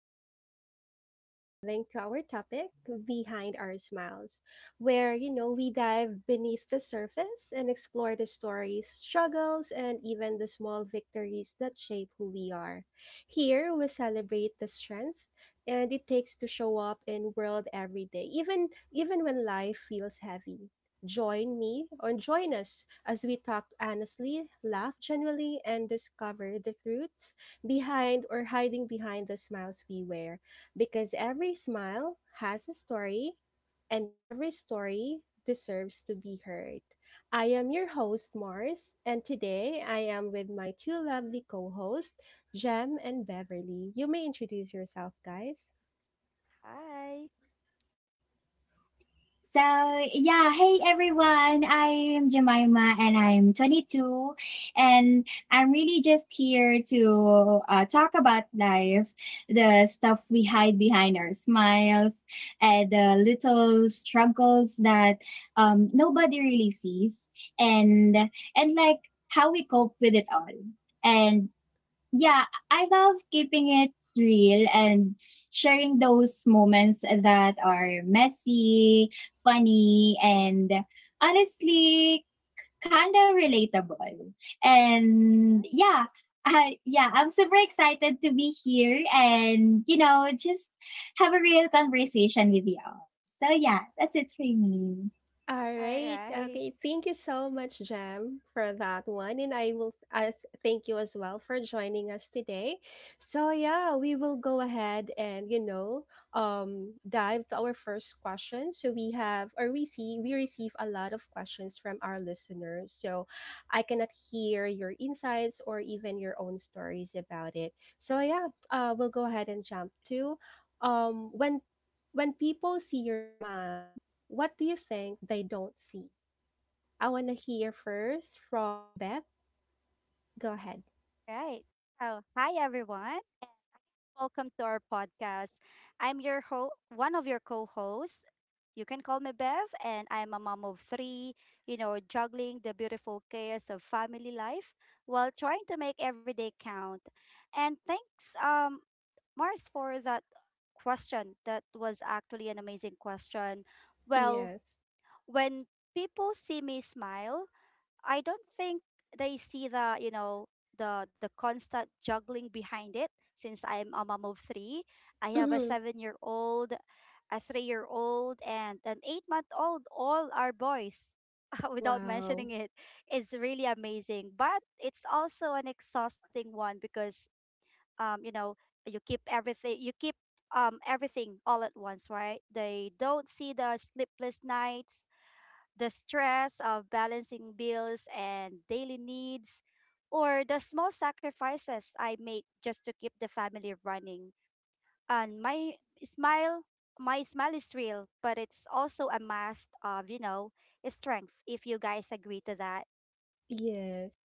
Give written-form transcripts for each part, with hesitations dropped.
So, today we will be diving to our topic, Behind Our Smiles, where, you know, we dive beneath the surface and explore the stories, struggles, and even the small victories that shape who we are. Here, we celebrate the strength and it takes to show up in world every day even when life feels heavy. Join me or join us as we talk honestly, laugh genuinely, and discover the truths behind or hiding behind the smiles we wear. Because every smile has a story, and every story deserves to be heard. I am your host, Mars, and today I am with my two lovely co hosts, Jem and Beverly. You may introduce yourself, guys. Hi. So, yeah, hey everyone. I'm Jemima and I'm 22, and I'm really just here to talk about life, the stuff we hide behind our smiles and the little struggles that nobody really sees and and how we cope with it all. And yeah, I love keeping it real and sharing those moments that are messy, funny, and honestly kind of relatable. And Nice. yeah, I'm super excited to be here and, you know, just have a real conversation with y'all. So yeah, that's it for me. All All right. right. Okay. Thank you so much, Jam, for that one. And I will as thank you as well for joining us today. So yeah, we will go ahead and, you know, dive to our first question. So we have or we see we receive a lot of questions from our listeners. So I cannot hear your insights or even your own stories about it. So yeah, we'll go ahead and jump to um when when people see your smile, what do you think they don't see? I want to hear first from Beth. Go ahead. Right. So, hi everyone, and welcome to our podcast. I'm one of your co-hosts. You can call me Bev, and I'm a mom of three. You know, juggling the beautiful chaos of family life while trying to make every day count. And thanks, Mars, for that question. That was actually an amazing question. Well, Yes. when people see me smile, I don't think they see the you know the constant juggling behind it. Since I'm a mom of three, I have a Hmm. 7-year-old, a 3-year-old, and an 8-month-old. All are boys. Without Wow. mentioning it, it's really amazing. But it's also an exhausting one because um you know you keep everything all at once, right? They don't see the sleepless nights, the stress of balancing bills and daily needs, or the small sacrifices I make just to keep the family running. And smile, my smile is real, but it's also a mask of, strength, if you guys agree to that. Yes.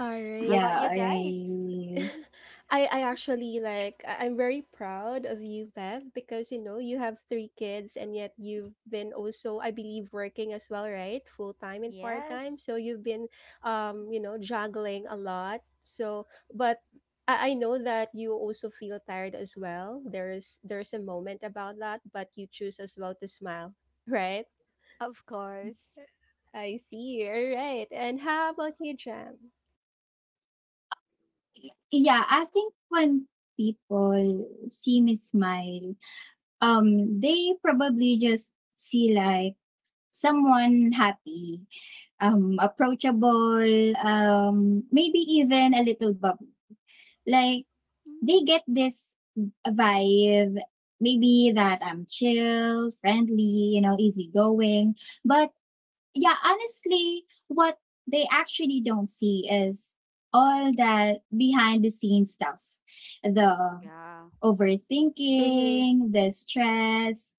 All How right. Yeah, about all you guys? right. I actually like I'm very proud of you, Bev, because you know you have three kids and yet you've been also I believe working as well, right? Full time and part time. Yes, So you've been you know, juggling a lot. So but I know that you also feel tired as well. There's a moment about that, but you choose as well to smile, right? of course. I see. All right. And how about you, Jam? Yeah, I think when people see me smile, they probably just see like someone happy, approachable, maybe even a little bubbly. Like they Mm, get this vibe, maybe that I'm chill, friendly, you know, easygoing, but yeah, honestly, what they actually don't see is all that behind the scenes stuff. The yeah. Mm-hmm. overthinking, the stress,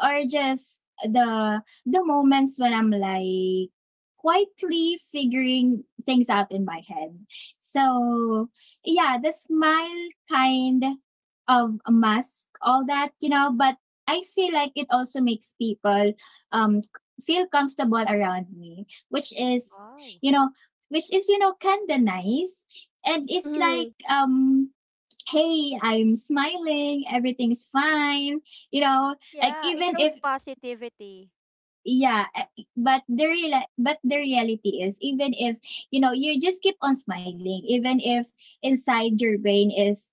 or just the moments when I'm like quietly figuring things out in my head. So yeah, the smile kind of mask all that, you know, but I feel like it also makes people um feel comfortable around me, Wow. you know, which is, you know, kind of nice. And it's Mm-hmm. like, hey, I'm smiling, everything's fine, you know, like Yeah, it even if shows positivity. yeah but the real but the reality is even if you know you just keep on smiling even if inside your brain is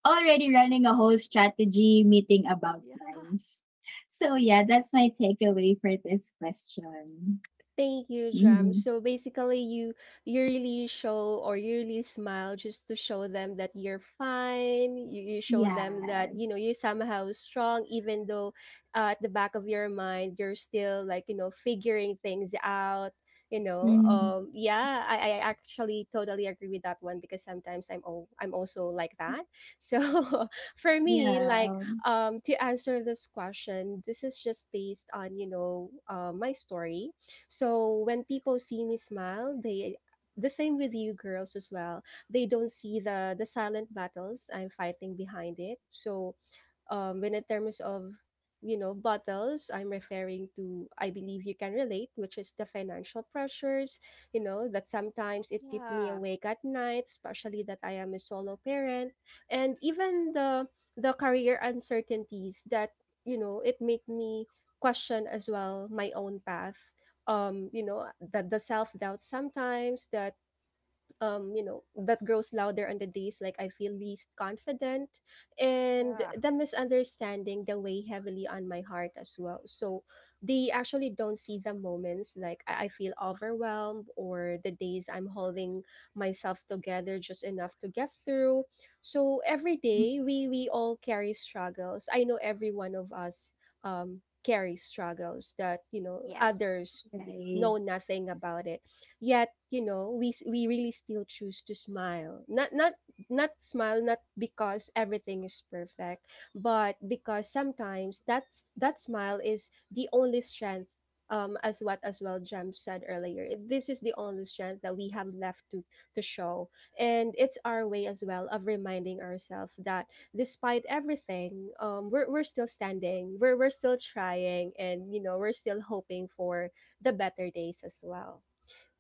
already running a whole strategy meeting about Yeah. life. So yeah, that's my takeaway for this question. Thank you, Jam. Mm-hmm. So basically, you really show or you really smile just to show them that you're fine. You show them that Yes. you know you're somehow strong, even though at the back of your mind you're still like you know figuring things out. You know, Mm. Yeah, I actually totally agree with that one because sometimes I'm oh, I'm also like that. So for me, like Yeah. To answer this question, this is just based on you know my story. So when people see me smile, they the same with you girls as well. They don't see the silent battles I'm fighting behind it. So when in terms of you know bottles I'm referring to, I believe you can relate, which is the financial pressures, you know, that sometimes it keep me Yeah, awake at night, especially that I am a solo parent, and even the career uncertainties that you know it make me question as well my own path. You know, that the self doubt sometimes that you know, that grows louder on the days like I feel least confident, and yeah. the misunderstanding that weigh heavily on my heart as well. So they actually don't see the moments like I feel overwhelmed or the days I'm holding myself together just enough to get through. So every day we all carry struggles. I know every one of us carry struggles that you know Yes. others Okay. Right. know nothing about it. Yet you know we really still choose to smile, not smile, not because everything is perfect, but because sometimes that smile is the only strength. As what as well Jam said earlier, this is the only strength that we have left to show. And it's our way as well of reminding ourselves that despite everything, we're still standing, we're still trying, and you know we're still hoping for the better days as well.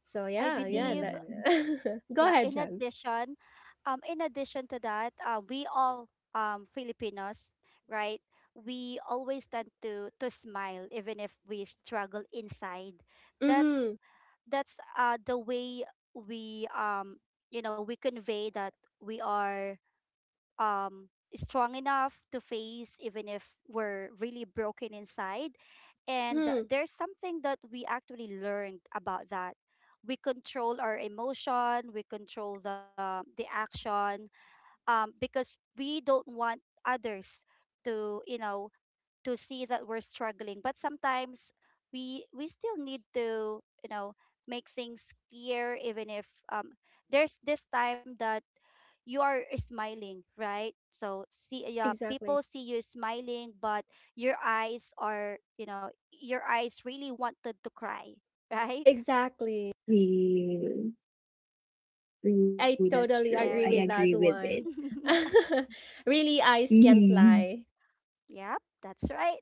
So I yeah, yeah, believe, that Go yeah, ahead, in Jem. addition um in addition to that, we all, Filipinos, right, we always tend to smile even if we struggle inside. that's Mhm. that's the way we you know we convey that we are um strong enough to face, even if we're really broken inside. And Mhm. there's something that we actually learned about that. We control our emotion, we control the action, because we don't want others, to you know to see that we're struggling. But sometimes we still need to, make things clear, even if, there's this time that you are smiling, right? So, see, yeah, Exactly. people see you smiling, but your eyes are you know your eyes really wanted to cry, right? Exactly. True. True. I That's true. totally I There. agree agree with with that it. one. really eyes can't Mm-hmm. lie. Yep, that's right.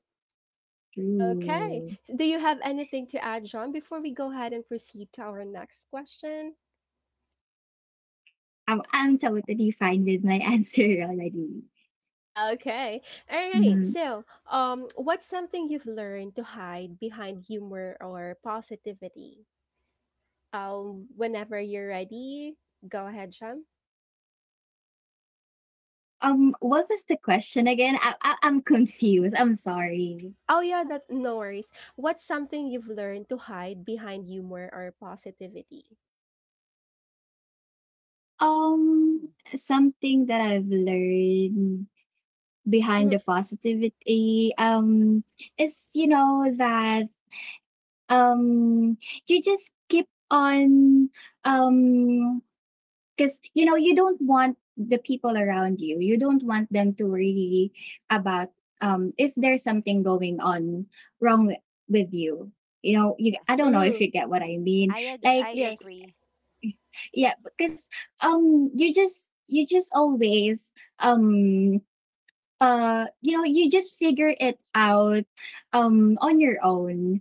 Okay. True. So do you have anything to add, John, before we go ahead and proceed to our next question? I'm totally fine with my answer already. Okay. All Mm. right. So, what's something you've learned to hide behind humor or positivity? Whenever you're ready, go ahead, John. What was the question again? I'm confused. I'm sorry. Oh yeah, that no worries. What's something you've learned to hide behind humor or positivity? Um, Mm. something that I've learned behind Mhm. the positivity is you know that um you just keep on um because you know you don't want them to worry about if there's something going on wrong wi- with you, you know. You I Yes. don't know if Mhm. you get what I mean, i ag- like. i Yes. agree. Yeah, because you just always um you know you just figure it out on your own,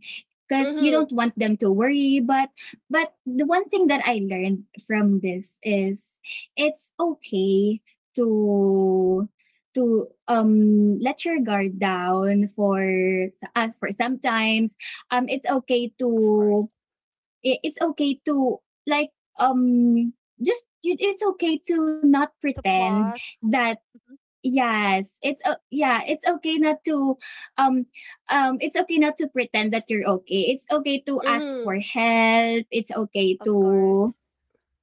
because you Mhm. don't want them to worry, but the one thing that I learned from this is it's okay to to let your guard down for us for sometimes. It's okay Of course. to it's okay to, like, um it's okay to not To pause. pretend that Mhm. Yes, it's o yeah, it's okay not to um it's okay not to pretend that you're okay. It's okay to ask Mhm. for help. It's okay Of course, to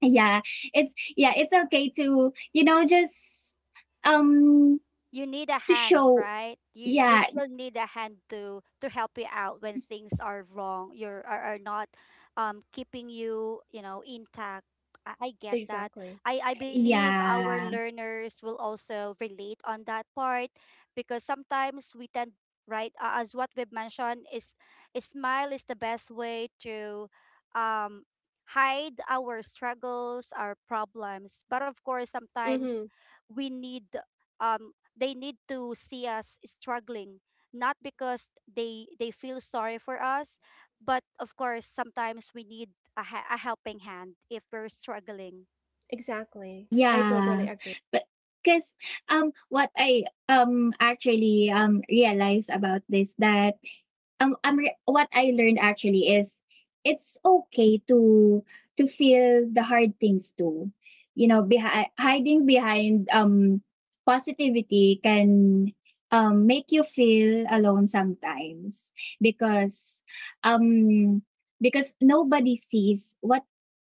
yeah, yeah, it's okay to you know just um you need a to hand, show right? You yeah, still need a hand to help you out when things are wrong. You're are not keeping you, you know, intact. I get that. Exactly. I believe our yeah. learners will also relate on that part, because sometimes we tend, right, as what we've mentioned, is a smile is the best way to um hide our struggles, our problems. But of course, sometimes Mhm. we need um they need to see us struggling, not because they feel sorry for us, but of course sometimes we need a helping hand if we're struggling. Exactly. I totally Yeah. agree. But cuz what I actually realized about this that what I learned actually is it's okay to feel the hard things too. You know, behind hiding behind positivity can make you feel alone sometimes because um because nobody sees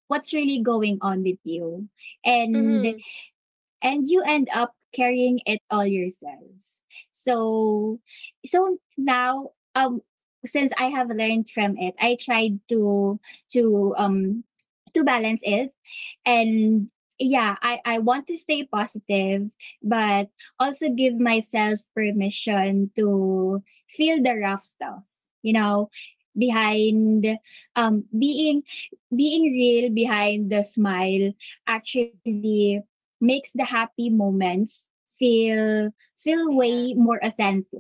what's really going on with you, and Mhm. and you end up carrying it all yourself. So so now since I have learned from it, I tried to to to balance it, and yeah, I want to stay positive, but also give myself permission to feel the rough stuff, you know. Behind um being being real behind the smile Mhm. actually makes the happy moments feel way There, more authentic.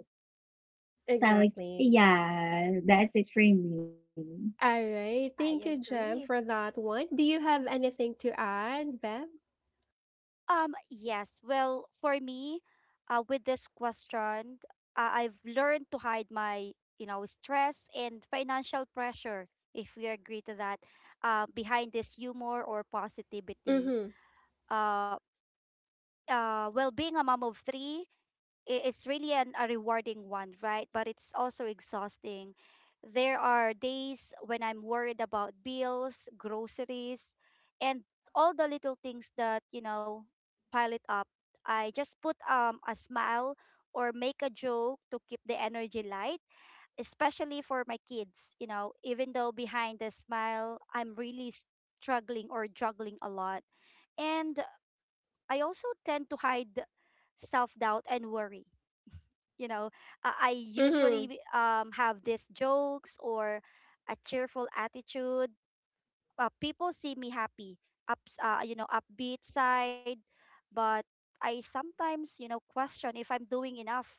So like Exactly. yeah, that's it for me. All right. Thank you, I Jem, agree. for that one. Do you have anything to add, Bev? Yes. Well, for me, with this question, I've learned to hide my, stress and financial pressure, if we agree to that, behind this humor or positivity. Mhm. Uh, well, being a mom of three, it's really a rewarding one, right? But it's also exhausting. There are days when I'm worried about bills, groceries, and all the little things that, pile it up. I just put a smile or make a joke to keep the energy light, especially for my kids, even though behind the smile, I'm really struggling or juggling a lot. And I also tend to hide self doubt and worry. You know, I Mhm. usually, have these jokes or a cheerful attitude. People see me happy, upbeat side, but I sometimes, question if I'm doing enough,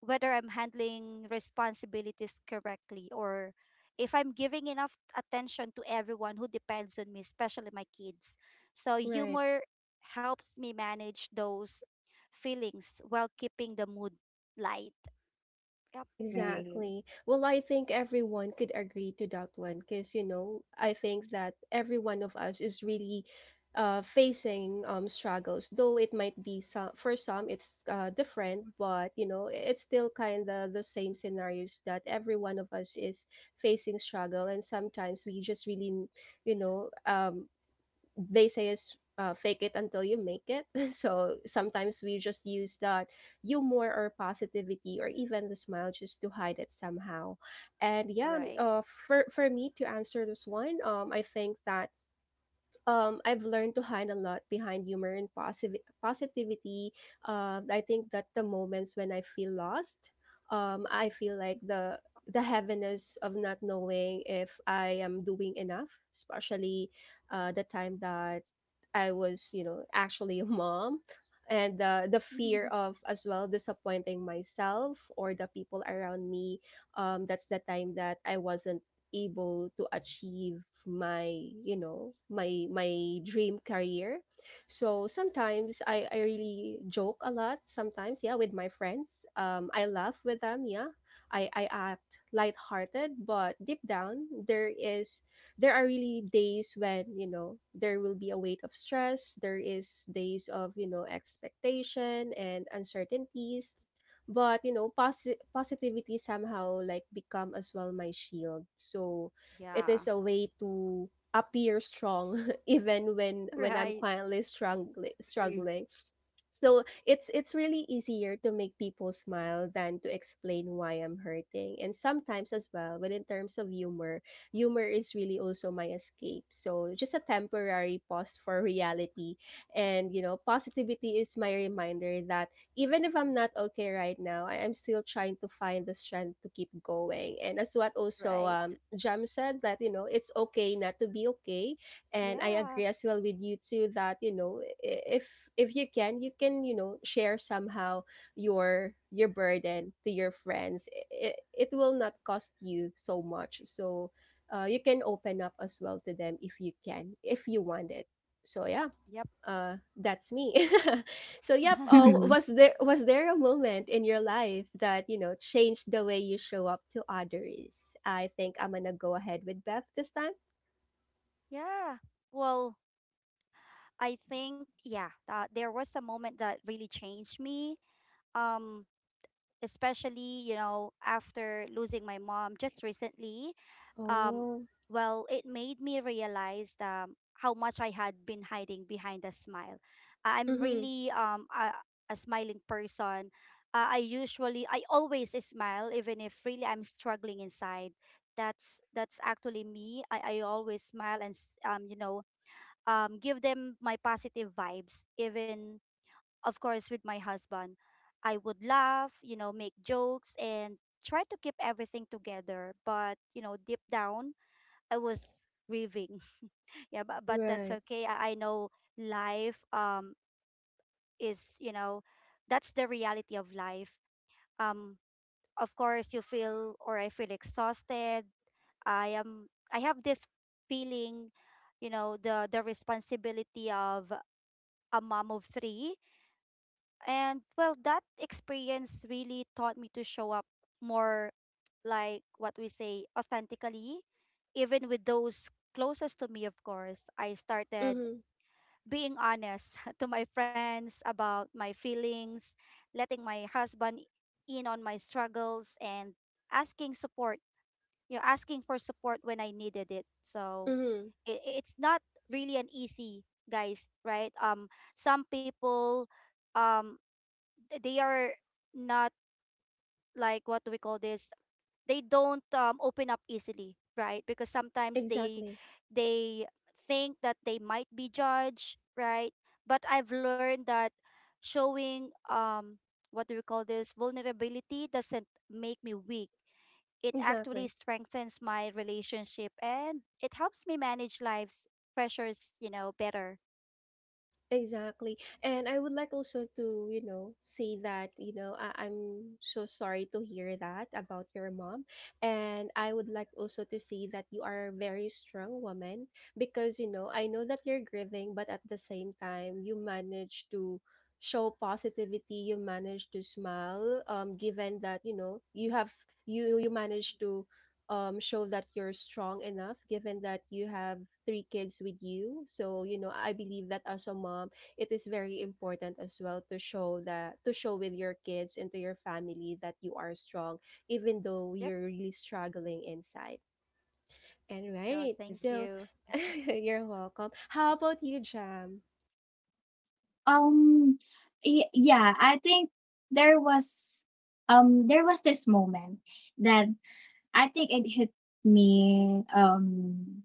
whether I'm handling responsibilities correctly or if I'm giving enough attention to everyone who depends on me, especially my kids. So Right. humor helps me manage those feelings while keeping the mood light. Yeah. Right. Exactly. Well, I think everyone could agree to that one because, you know, I think that every one of us is really facing struggles, though it might be some, for some it's different, but, you know, it's still kind of the same scenarios that every one of us is facing struggle. And sometimes we just really, you know, they say is fake it until you make it. So sometimes we just use that humor or positivity or even the smile just to hide it somehow. And yeah, Right. For me to answer this one, I think that I've learned to hide a lot behind humor and positive positivity. I think that the moments when I feel lost, I feel like the heaviness of not knowing if I am doing enough, especially the time that I was, you know, actually a mom. And the fear of as well disappointing myself or the people around me. That's the time that I wasn't able to achieve my you know my my dream career. So sometimes I really joke a lot sometimes, yeah, with my friends, I laugh with them, yeah, I act lighthearted, but deep down there is there are really days when you know there will be a weight of stress, there is days of you know expectation and uncertainties. But, you know, positivity somehow like become as well my shield. So it Yeah. is a way to appear strong even when I'm Right. quietly struggling. So it's really easier to make people smile than to explain why I'm hurting. And sometimes as well, when in terms of humor, humor is really also my escape. So just a temporary pause for reality. And you know, positivity is my reminder that even if I'm not okay right now, I am still trying to find the strength to keep going. And as what also Right. Jam said that, you know, it's okay not to be okay. And I Yeah. agree as well with you too that you know if you can, you can you know share somehow your burden to your friends, it will not cost you so much. So you can open up as well to them if you can, if you want it. So yeah, Yep. That's me. So yep, Mm. was there a moment in your life that you know changed the way you show up to others? I think I'm gonna go ahead with Beth this time. Yeah. Well, I think, yeah, that there was a moment that really changed me. Um, especially, after losing my mom just recently. um Oh. well, it made me realize how much I had been hiding behind a smile. I'm Mm-hmm. really a smiling person. I always smile, even if really I'm struggling inside. That's actually me. I always smile and give them my positive vibes, even of course with my husband, I would laugh, make jokes, and try to keep everything together, but deep down I was grieving. Yeah, but that's Right. okay. I know life is, you know, that's the reality of life. Um of course you feel, or I feel exhausted. I have this feeling, the responsibility of a mom of three. And well, that experience really taught me to show up more, like what we say, authentically, even with those closest to me, of course. I started Mhm. being honest to my friends about my feelings, letting my husband in on my struggles, and asking support, asking for support when I needed it. So, Mhm. it's not really an easy, guys, right? Some people, um they are not, like, what do we call this, they don't, open up easily, right? Because sometimes they Exactly. they think that they might be judged, right. But I've learned that showing, what do we call this, vulnerability doesn't make me weak. It actually Exactly. strengthens my relationship, and it helps me manage life's pressures, better. Exactly. And I would like also to, you know, say that, you know, I'm so sorry to hear that about your mom. And I would like also to say that you are a very strong woman because, you know, I know that you're grieving, but at the same time, you manage to show positivity, you manage to smile, given that, you know, you have you you manage to show that you're strong enough given that you have three kids with you. So you know I believe that as a mom it is very important as well to show that, to show with your kids and to your family that you are strong even though Yep. you're really struggling inside and Yeah. right. Thank So you. you're welcome. How about you, Jam? um yeah, I think there was there was this moment that I think it hit me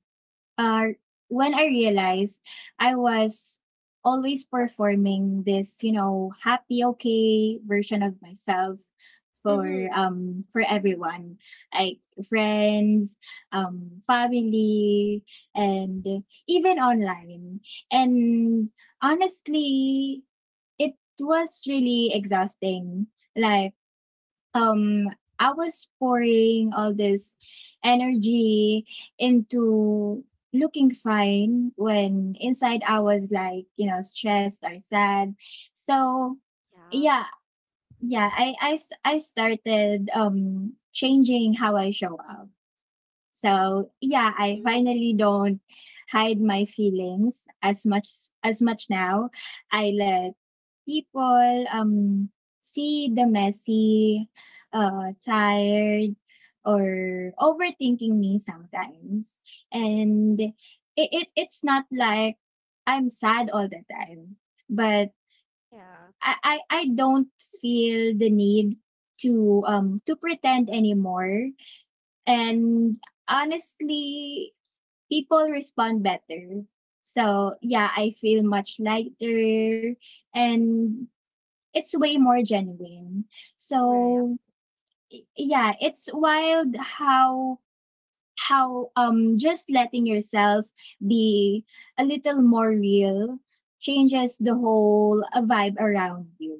uh, when I realized I was always performing this, you know, happy, okay version of myself for Mm-hmm. For Mm. everyone, like friends, family, and even online. And honestly, it was really exhausting. Like um I was pouring all this energy into looking fine when inside I was like, you know, stressed or sad. So, Yeah. yeah, I started changing how I show up. So, yeah, I Mm. finally don't hide my feelings as much now. I let people see the messy, tired, or overthinking me sometimes. And it's not like I'm sad all the time, but Yeah. I don't feel the need to pretend anymore. And honestly, people respond better. So yeah, I feel much lighter, and it's way more genuine. Yep. Right. So yeah, it's wild how just letting yourself be a little more real changes the whole vibe around you.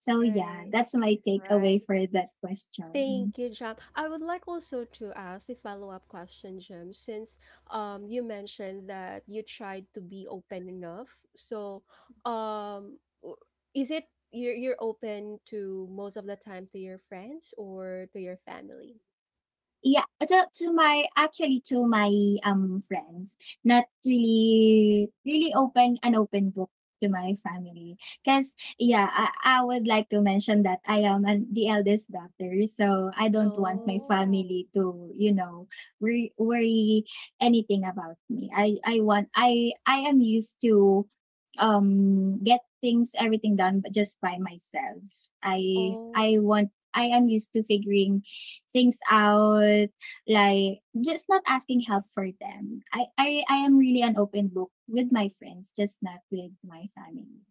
So yeah, Right. that's my Right. takeaway for that question. Thank you, John. I would like also to ask a follow-up question, Jim, since you mentioned that you tried to be open enough. So, um w- is it you're open to most of the time to your friends or to your family? Yeah, to my, friends, not really really open an open book to my family. Cause yeah, I would like to mention that I am an the eldest daughter, so I don't want my Oh, Oh, family to, you know, worry anything about me. I want I am used to, get things everything done, but just by myself. Oh. I am used to figuring things out, like just not asking help for them. I am really an open book with my friends, just not with my family.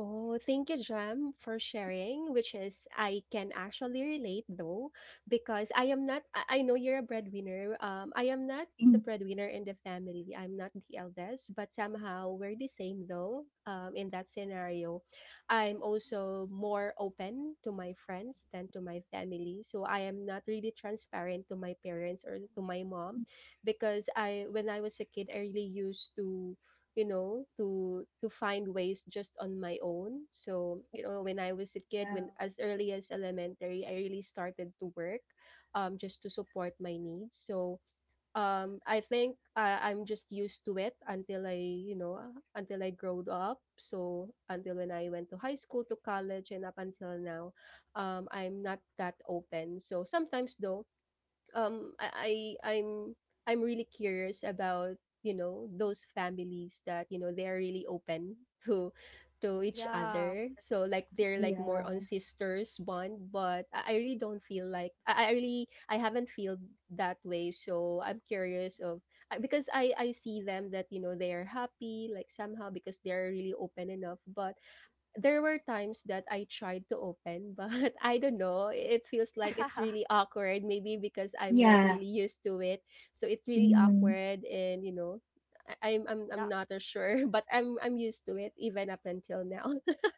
Oh, thank you, Jem, for sharing, which is I can actually relate though, because I am not I I know you're a breadwinner. I am not the Mm. breadwinner in the family. I'm not the eldest, but somehow we're the same though. In that scenario, I'm also more open to my friends than to my family. So I am not really transparent to my parents or to my mom because I when I was a kid, I really used to find ways just on my own. So you know, when I was a kid, Yeah. when as early as elementary, I really started to work just to support my needs. So I think I'm just used to it until I growed up. So until when I went to high school to college and up until now, I'm not that open. So sometimes though, um I, I I'm I'm really curious about those families that you know they are really open to each yeah. other, so like they're like Yeah. more on sisters bond. But I really don't feel like I really I haven't feel that way. So I'm curious of because I see them that you know they are happy, like somehow because they're really open enough. But there were times that I tried to open, but I don't know. It feels like it's really awkward, maybe because I'm not Yeah. really used to it. So it's really Mm-hmm. awkward, and you know, I, I'm Not, not as sure, but I'm used to it even up until now.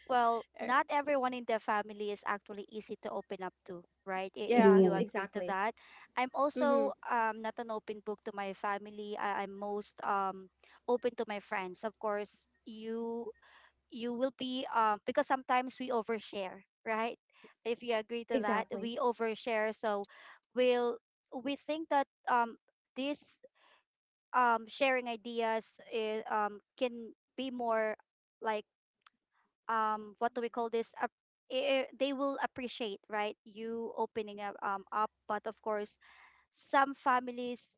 well, Er, not everyone in the family is actually easy to open up to, right? If yes, you True. agree to exactly. that. I'm Mm-hmm. also not an open book to my family. I'm most open to my friends. Of course, you will be, because sometimes we overshare, right? If you agree to that, Exactly. we overshare. So we'll we think that, this, sharing ideas, can be more like, what do we call this, they will appreciate, right, you opening up, but of course some families,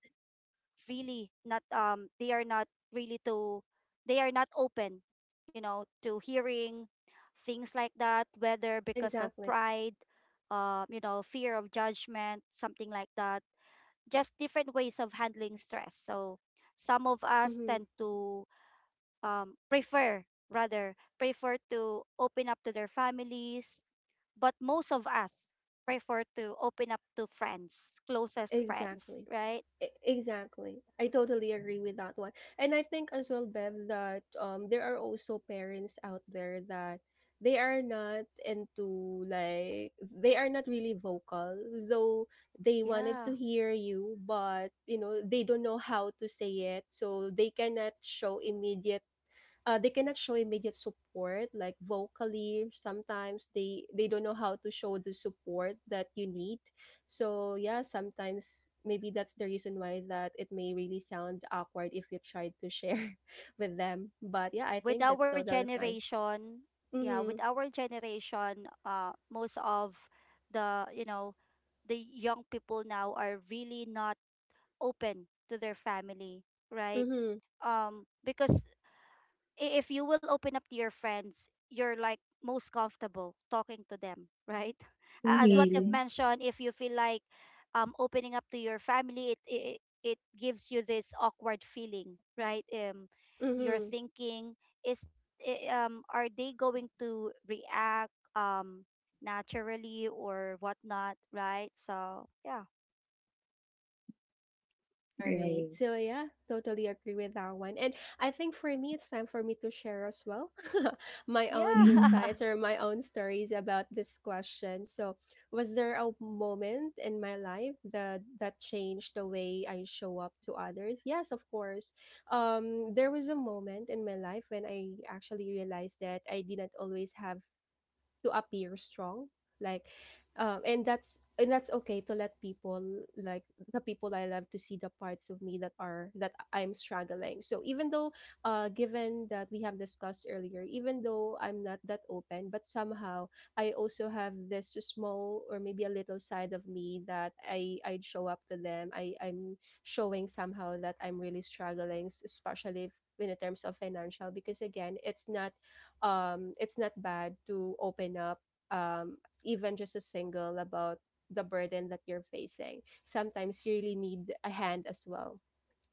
really not really to they are not open, you know, to hearing things like that, whether because of Exactly. pride, fear of judgment, something like that. Just different ways of handling stress. So some of us Mm-hmm. tend to, prefer to open up to their families, but most of us prefer to open up to friends, closest friends, Exactly. right? Exactly. I totally agree with that one. And I think as well, Bev, that there are also parents out there that they are not into, like they are not really vocal, though they wanted Yeah. to hear you, but you know, they don't know how to say it, so they cannot show immediate they cannot show immediate support like vocally. Sometimes they don't know how to show the support that you need. So yeah, sometimes maybe that's the reason why that it may really sound awkward if you tried to share with them. But yeah, I With think that's our totally fine. generation, yeah, with Mm-hmm. our generation, most of the, you know, the young people now are really not open to their family, right? Mm-hmm. Because if you will open up to your friends, you're, like, most comfortable talking to them, right? As what you've Exactly. Real. mentioned, if you feel like, opening up to your family, it gives you this awkward feeling, right? You're Mm-hmm. thinking is are they going to react, naturally or whatnot, right? So yeah. All right. Right. So yeah, totally agree with that one. And I think for me it's time for me to share as well my own Yeah. insights Mm-hmm. or my own stories about this question. So, was there a moment in my life that changed the way I show up to others? Yes, of course. There was a moment in my life when I actually realized that I didn't always have to appear strong, like and that's okay to let people, like, the people I love to see the parts of me that are that I'm struggling. So even though, given that we have discussed earlier, even though I'm not that open, but somehow I also have this small or maybe a little side of me that I'd show up to them. I'm showing somehow that I'm really struggling, especially if in terms of financial, because again, it's not, it's not bad to open up, um even just a single about the burden that you're facing. Sometimes you really need a hand as well.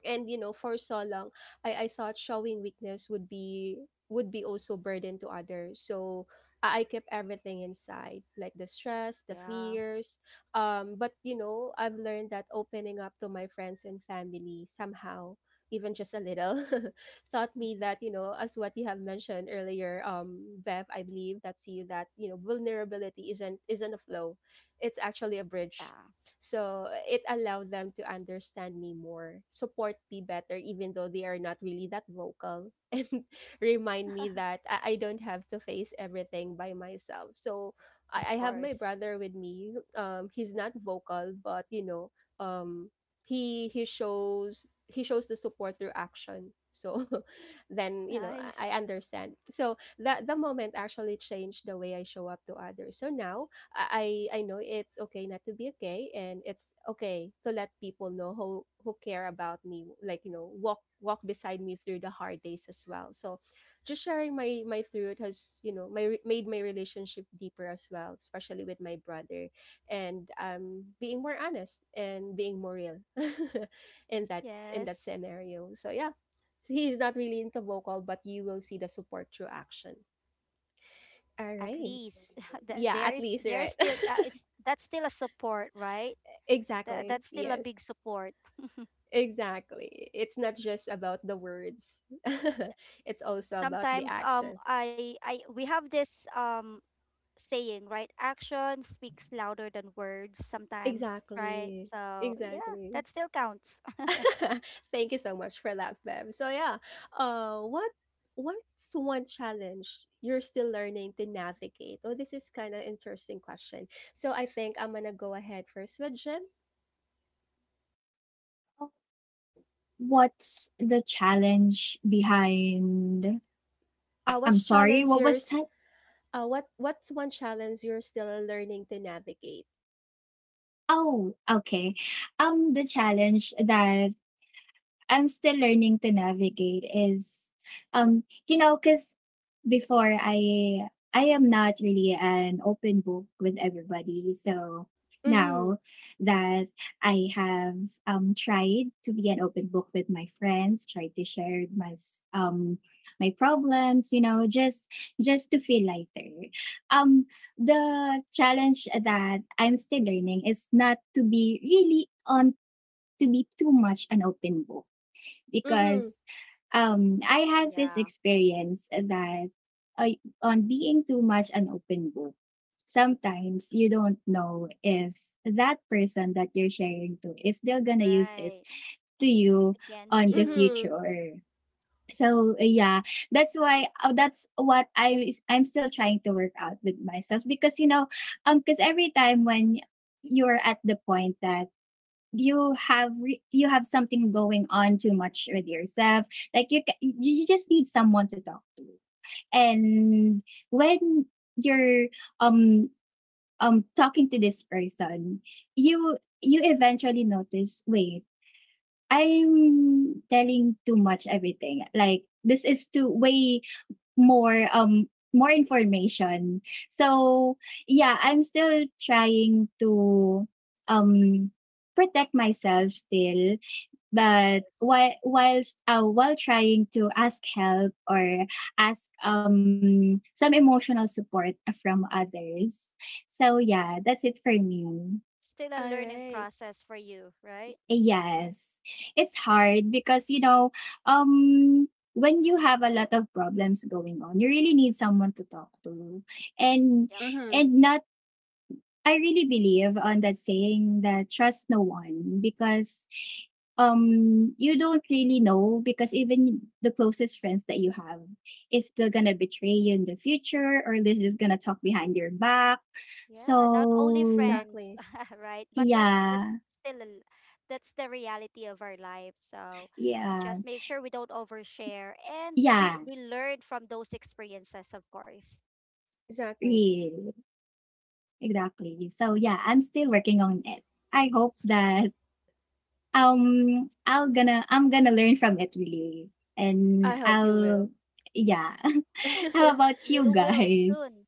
And you know, for so long I thought showing weakness would be, would be also burden to others. So I kept everything inside, like the stress, the Yeah. fears. But you know, I've learned that opening up to my friends and family somehow, even just a little, taught me that, you know, as what you have mentioned earlier, Bev, I believe that's you, that you know, vulnerability isn't a flow, it's actually a bridge. Yeah. So it allowed them to understand me more, support me better, even though they are not really that vocal, and remind me that I don't have to face everything by myself. So Of I have my course. brother with me. He's not vocal, but you know, um, he shows, he shows the support through action. So then you know I, Nice. I understand. So that the moment actually changed the way I show up to others. So now I know it's okay not to be okay, and it's okay to let people know who care about me, like you know, walk beside me through the hard days as well. So, just sharing my truth has, you know, my made my relationship deeper as well, especially with my brother, and being more honest and being more real in that Yes. scenario. So yeah, so he's not really into vocal, but you will see the support through action. All At right. least th- Yeah, there at is least, there is right? still, it's that's still a support, right? That Exactly. that's still a Yes. big support. Exactly. It's not just about the words. It's also about the Sometimes, actions. I we have this, saying, right, action speaks louder than words sometimes, right? Exactly. So yeah, Exactly. that still counts. Thank you so much for that, Bev. So yeah, what what's one challenge you're still learning to navigate? Oh, this is kind of interesting question. So I think I'm gonna go ahead first with Jim. What's the challenge behind? I'm What's sorry, challenge what was yours? that? What's one challenge you're still learning to navigate? Oh, okay. The challenge that I'm still learning to navigate is, you know, because before I am not really an open book with everybody. So Mm-hmm. now that I have tried to be an open book with my friends, tried to share my problems, you know, just to feel lighter. Um, the challenge that I'm still learning is not to be really on to be too much an open book, Mm-hmm. because I had this Yeah. experience that uh, on being too much an open book, sometimes you don't know if that person that you're sharing to if they're gonna use it Right. to you Against on the you. Mm-hmm. future, or so yeah. That's what I'm still trying to work out with myself because you know because every time when you're at the point that you have something going on too much with yourself, like you just need someone to talk to. And when you're um talking to this person, you eventually notice wait, I'm telling too much everything, like this is too way more um more information. So yeah, I'm still trying to um protect myself still, Of but course. While trying to ask help or ask some emotional support from others. So yeah, that's it for me. Still a All learning right. process for you, right? Yes, it's hard because you know um when you have a lot of problems going on, you really need someone to talk to, and Mm-hmm. and not. I really believe on that saying that trust no one, because you don't really know, because even the closest friends that you have, if they're gonna betray you in the future, or they're just gonna talk behind your back. Yeah, not only So friends, Exactly. right? But yeah. that's still a l- that's the reality of our lives. So Yeah. just make sure we don't overshare, and we Yeah. we learn from those experiences, of course. Really. Exactly. Exactly. So yeah, I'm still working on it. I hope that I'm gonna learn from it really, and I hope you will. I'll yeah. How about You you will soon. guys?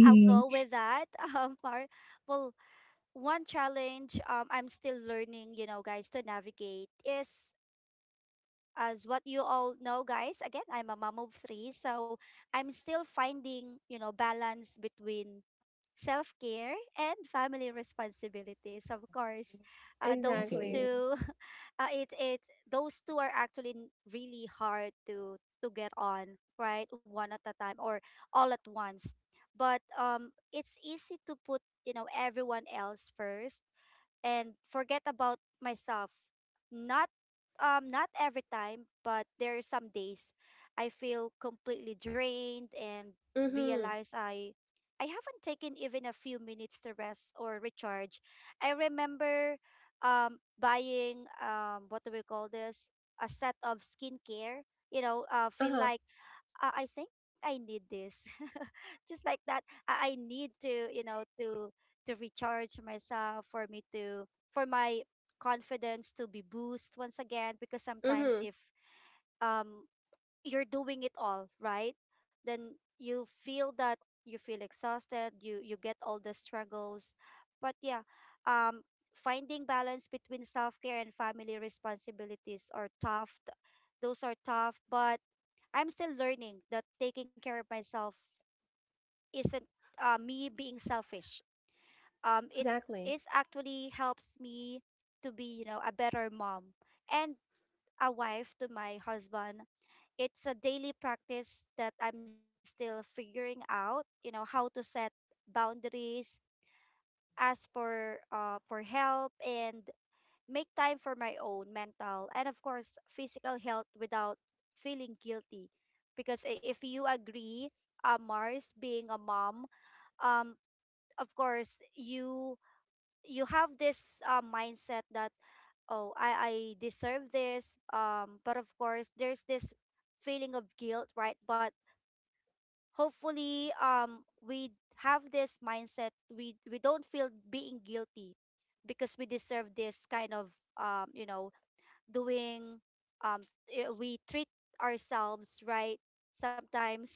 I'll go with that. Um, our, well, one challenge, I'm still learning, you know, guys, to navigate, is as what you all know, guys, again, I'm a mom of three, so I'm still finding, balance between self care and family responsibilities. Of course, those Exactly. Okay. two, it it those two are actually really hard to get on, right? One at a time or all at once. But, it's easy to put, everyone else first, and forget about myself. Not not every time, but there are some days I feel completely drained and Mm-hmm. realize I haven't taken even a few minutes to rest or recharge. I remember, buying, what do we call this? A set of skincare, you know, feel Uh-huh. like, I think I need this. Just like that, I need to recharge myself, for my confidence to be boost once again, because sometimes Mm-hmm. if, um you're doing it all, right? Then you feel exhausted, you get all the struggles. But yeah, um finding balance between self-care and family responsibilities are tough. Those are tough, but I'm still learning that taking care of myself isn't me being selfish. It Exactly. is actually helps me to be, you know, a better mom and a wife to my husband. It's a daily practice that I'm still figuring out, you know, how to set boundaries, ask for help and make time for my own mental and of course physical health without feeling guilty, because if you agree, Mars, being a mom, um of course you have this mindset that, oh, I deserve this. But of course there's this feeling of guilt, right? But hopefully, we have this mindset, we don't feel being guilty, because we deserve this kind of, you know, doing, um we treat ourselves right, sometimes,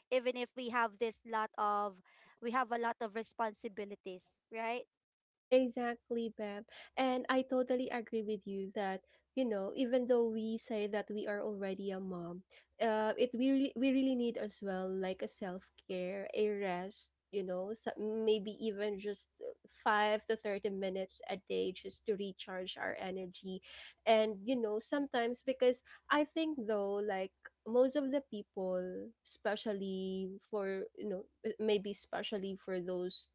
even if we have a lot of responsibilities, right? Exactly, Beb. And I totally agree with you that, you know, even though we say that we are already a mom, it we really, we really need as well like a self-care, a rest, you know, so maybe even just 5 to 30 minutes a day just to recharge our energy. And you know, sometimes because I think though, like most of the people, especially for, you know, maybe especially for those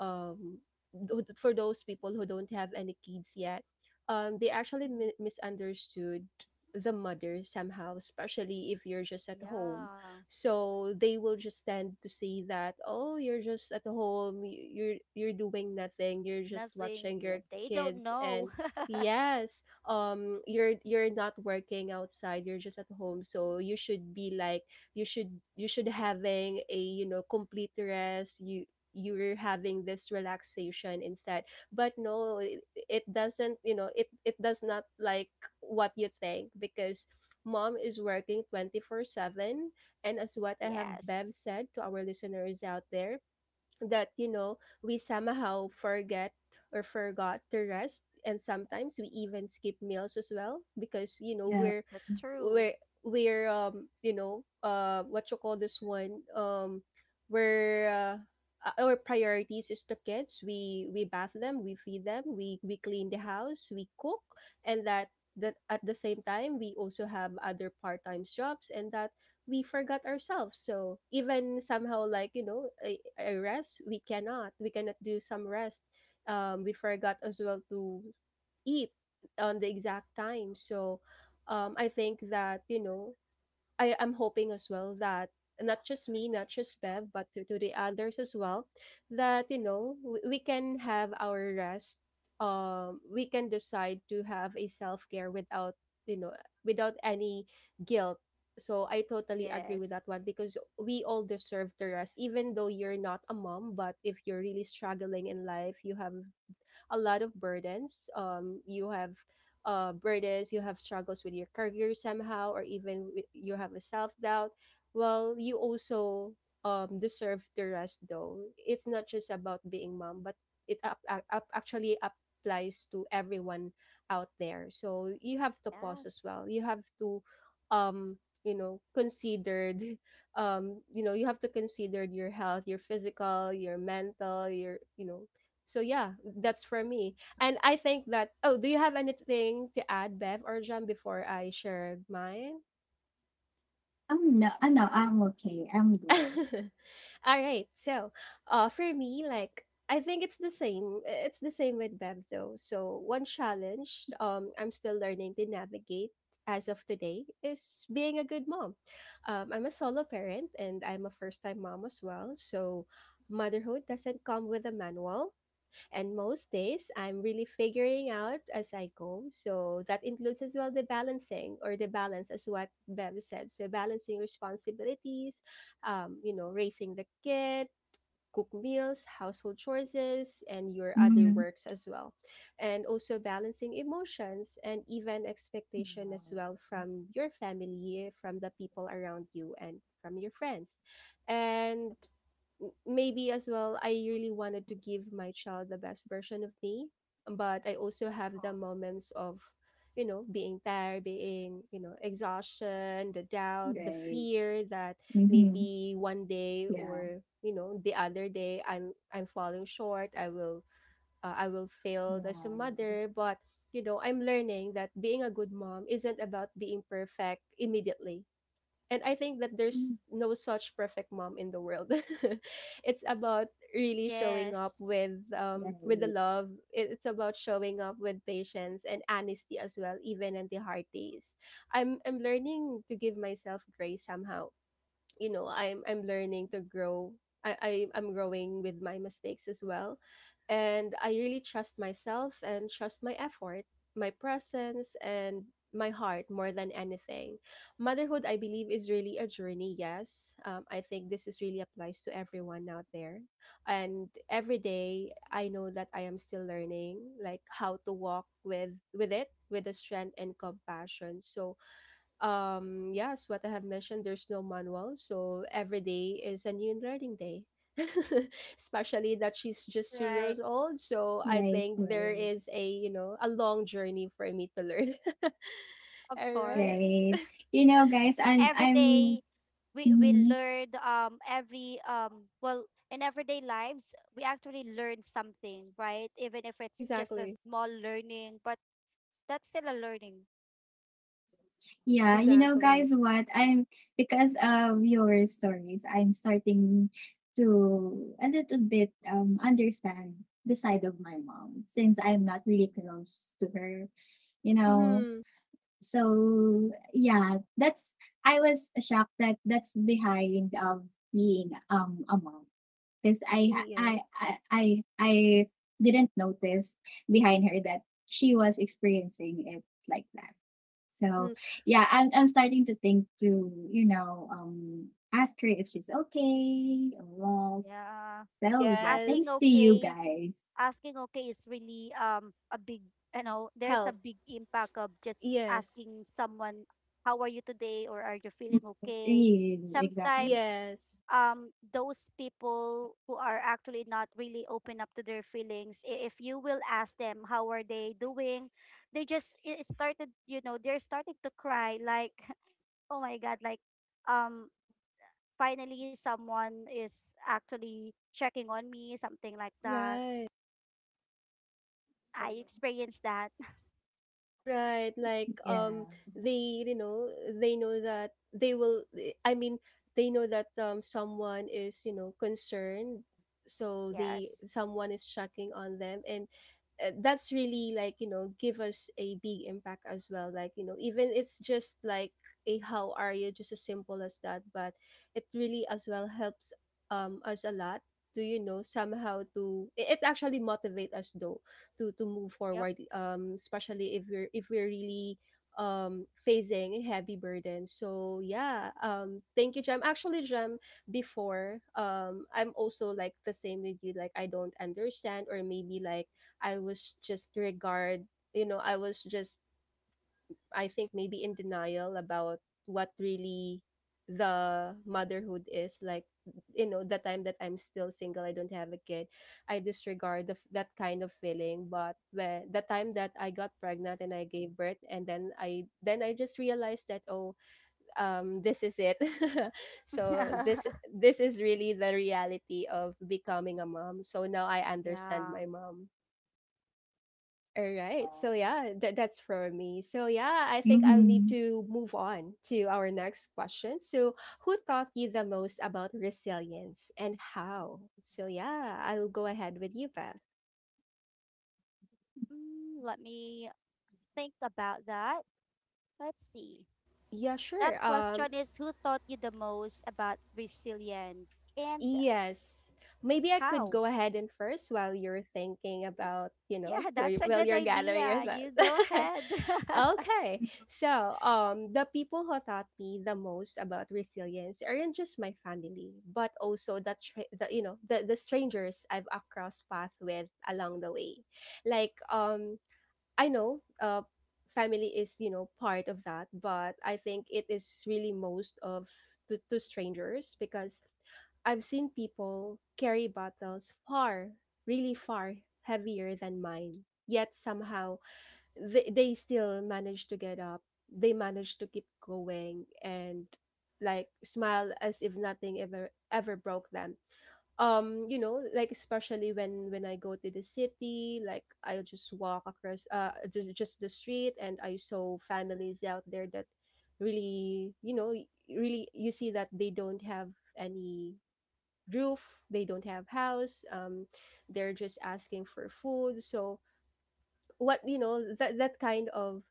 um for those people who don't have any kids yet, they actually Hmm. Misunderstood the mother somehow, especially if you're just at home. Yeah. So they will just tend to say that, oh, you're just at home, you're doing nothing, you're just Nothing, watching yeah, your they don't kids, know. and yes, you're not working outside, you're just at home, so you should be like, you should, you should having a, you know, complete rest. You, you're having this relaxation instead. But no, it, it doesn't, you know, it does not like what you think because mom is working 24/7. And as what I have Yes. Bev said to our listeners out there, that you know we somehow forget or forgot to rest, and sometimes we even skip meals as well because you know Yeah. That's true. we're, you know, what you call this one, we're our priorities is the kids. We bath them, we feed them, we clean the house, we cook, and that, that at the same time we also have other part-time jobs, and that we forgot ourselves. So even somehow, like, you know, a rest, we cannot. We cannot do some rest. We forgot as well to eat on the exact time. So I think that, you know, I am hoping as well that not just me, not just Bev, but to the others as well, that you know we can have our rest. We can decide to have a self care without, you know, without any guilt. So I totally agree with Yes. that one, because we all deserve the rest, even though you're not a mom. But if you're really struggling in life, you have a lot of burdens. You have burdens, you have struggles with your career somehow, or even with, you have a self doubt. Well, you also deserve the rest, though. It's not just about being mom, but it, actually applies to everyone out there. So you have to pause as Yes. well. You have to, um, you know, considered you know, you have to consider your health, your physical, your mental, your, you know. So yeah, that's for me. And I think that, oh, do you have anything to add, Bev or John, before I share mine? I'm No. No. No. I'm okay. I'm All good. right. So, for me, like I think it's the same. It's the same with Bev though. So one challenge, I'm still learning to navigate as of today is being a good mom. I'm a solo parent and I'm a first time mom as well. So motherhood doesn't come with a manual. And most days, I'm really figuring out as I go. So that includes as well the balancing or the balance, as what Bev said. So balancing responsibilities, you know, raising the kid, cook meals, household chores, and your other Mm-hmm. works as well. And also balancing emotions and even expectation as well Um, from your family, from the people around you, and from your friends. And maybe as well I really wanted to give my child the best version of me, but I also have the moments of, you know, being tired, being, you know, exhaustion, the doubt, the right. fear that Mm-hmm. maybe one day Yeah. or, you know, the other day I'm falling short. I will I will fail Yeah. as a mother. But you know, I'm learning that being a good mom isn't about being perfect immediately. And I think that there's Mm. no such perfect mom in the world. It's about really showing Yes. up with the Right. love. It- It's about showing up with patience and honesty as well, even in the hard days. I'm learning to give myself grace somehow. You know, I'm learning to grow. I'm growing with my mistakes as well, and I really trust myself and trust my effort, my presence, and my heart more than anything. Motherhood, I believe, is really a journey. Yes, I think this is really applies to everyone out there, and every day I know that I am still learning like how to walk with it with the strength and compassion. So yes, what I have mentioned, there's no manual, so every day is a new learning day. Especially that she's just three Right. years old, so I Right. think there Right. is a you know a long journey for me to learn. Of All right. course. Right. You know, guys, Every I'm day we mhm. learn, every well, in everyday lives we actually learn something, right? Even if it's just a Exactly. small learning, but that's still a learning. Yeah, you know, Exactly. guys, what I'm because of your stories, I'm starting to a little bit understand the side of my mom, since I'm not really close to her, you know. Mm-hmm. So yeah, that's I was shocked that that's behind of being a mom, because Yes. I didn't notice behind her that she was experiencing it like that. So Mm-hmm. yeah, I'm starting to think to you know ask her if she's okay or what. Yeah, So yeah, asking thanks Yes. to you okay, guys. asking okay is really, a big, you know, there's a Health. big impact of just Yes. asking someone, how are you today, or are you feeling okay? Mm, exactly. Sometimes, Yes. Those people who are actually not really open up to their feelings, if you will ask them how are they doing, they just, it started, you know, they're starting to cry, like, oh my god, like, um finally someone is actually checking on me, something like that. Right. Yeah. I experienced that. Right, like Yeah. They you know they know that they will I mean, they know that someone is you know concerned, so they Yes. someone is checking on them. And that's really like you know give us a big impact as well, like you know even it's just like a how are you, just as simple as that, but it really as well helps us a lot to you know somehow to it actually motivate us, though, to move Yep. forward, especially if we're really facing a heavy burden. So yeah, thank you, Jem. Actually, Jem, before, I'm also like the same with you, like I don't understand, or maybe like I was just regard, you know, I was just, I think maybe in denial about what really the motherhood is like. You know, the time that I'm still single, I don't have a kid, I disregard that kind of feeling. But when the time that I got pregnant and I gave birth and then I just realized that, oh, this is it. So this is really the reality of becoming a mom. So now I understand Yeah. my mom. All right. So yeah, that that's for me. So yeah, I think I'll need Mm-hmm. to move on to our next question. So, who taught you the most about resilience and how? So yeah, I'll go ahead with you, Beth. Mm, let me think about that. Let's see. Yeah, sure. That question is, who taught you the most about resilience and Yes. Maybe I could how? go ahead and first while you're thinking about, you know, Yeah, that's a while good you're gathering your idea. You thoughts. go ahead. Okay. So, the people who taught me the most about resilience aren't just my family, but also the, the you know, the strangers I've crossed paths with along the way. Like, I know family is, you know, part of that, but I think it is really most of, to strangers, because I've seen people carry bottles far, really far, heavier than mine. Yet somehow they still manage to get up. They manage to keep going and like smile as if nothing ever broke them. You know, like especially when I go to the city, like I'll just walk across just the street, and I saw families out there that really you know really you see that they don't have any roof, they don't have Yeah. house. They're just asking for food. So what you know that that kind of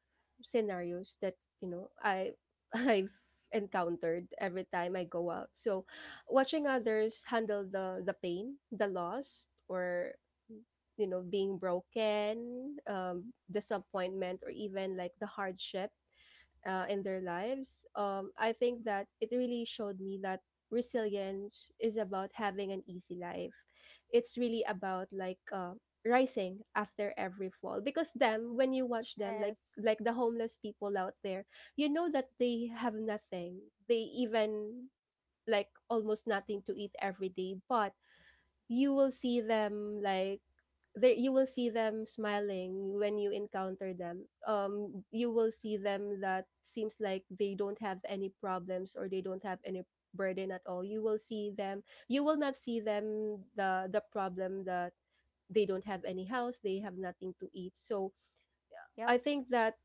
scenarios that you know I I've encountered every time I go out. So watching others handle the pain, the loss, or you know being broken, disappointment, or even like the hardship in their lives, I think that it really showed me that resilience is about having an easy life. It's really about like rising after every fall, because them when you watch them, Yes. like the homeless people out there, you know that they have nothing. They even like almost nothing to eat every day, but you will see them like you will see them smiling when you encounter them. You will see them that seems like they don't have any problems or they don't have any burden at all. You will see them, you will not see them the problem that they don't have any house, they have nothing to eat. So Yep, I think that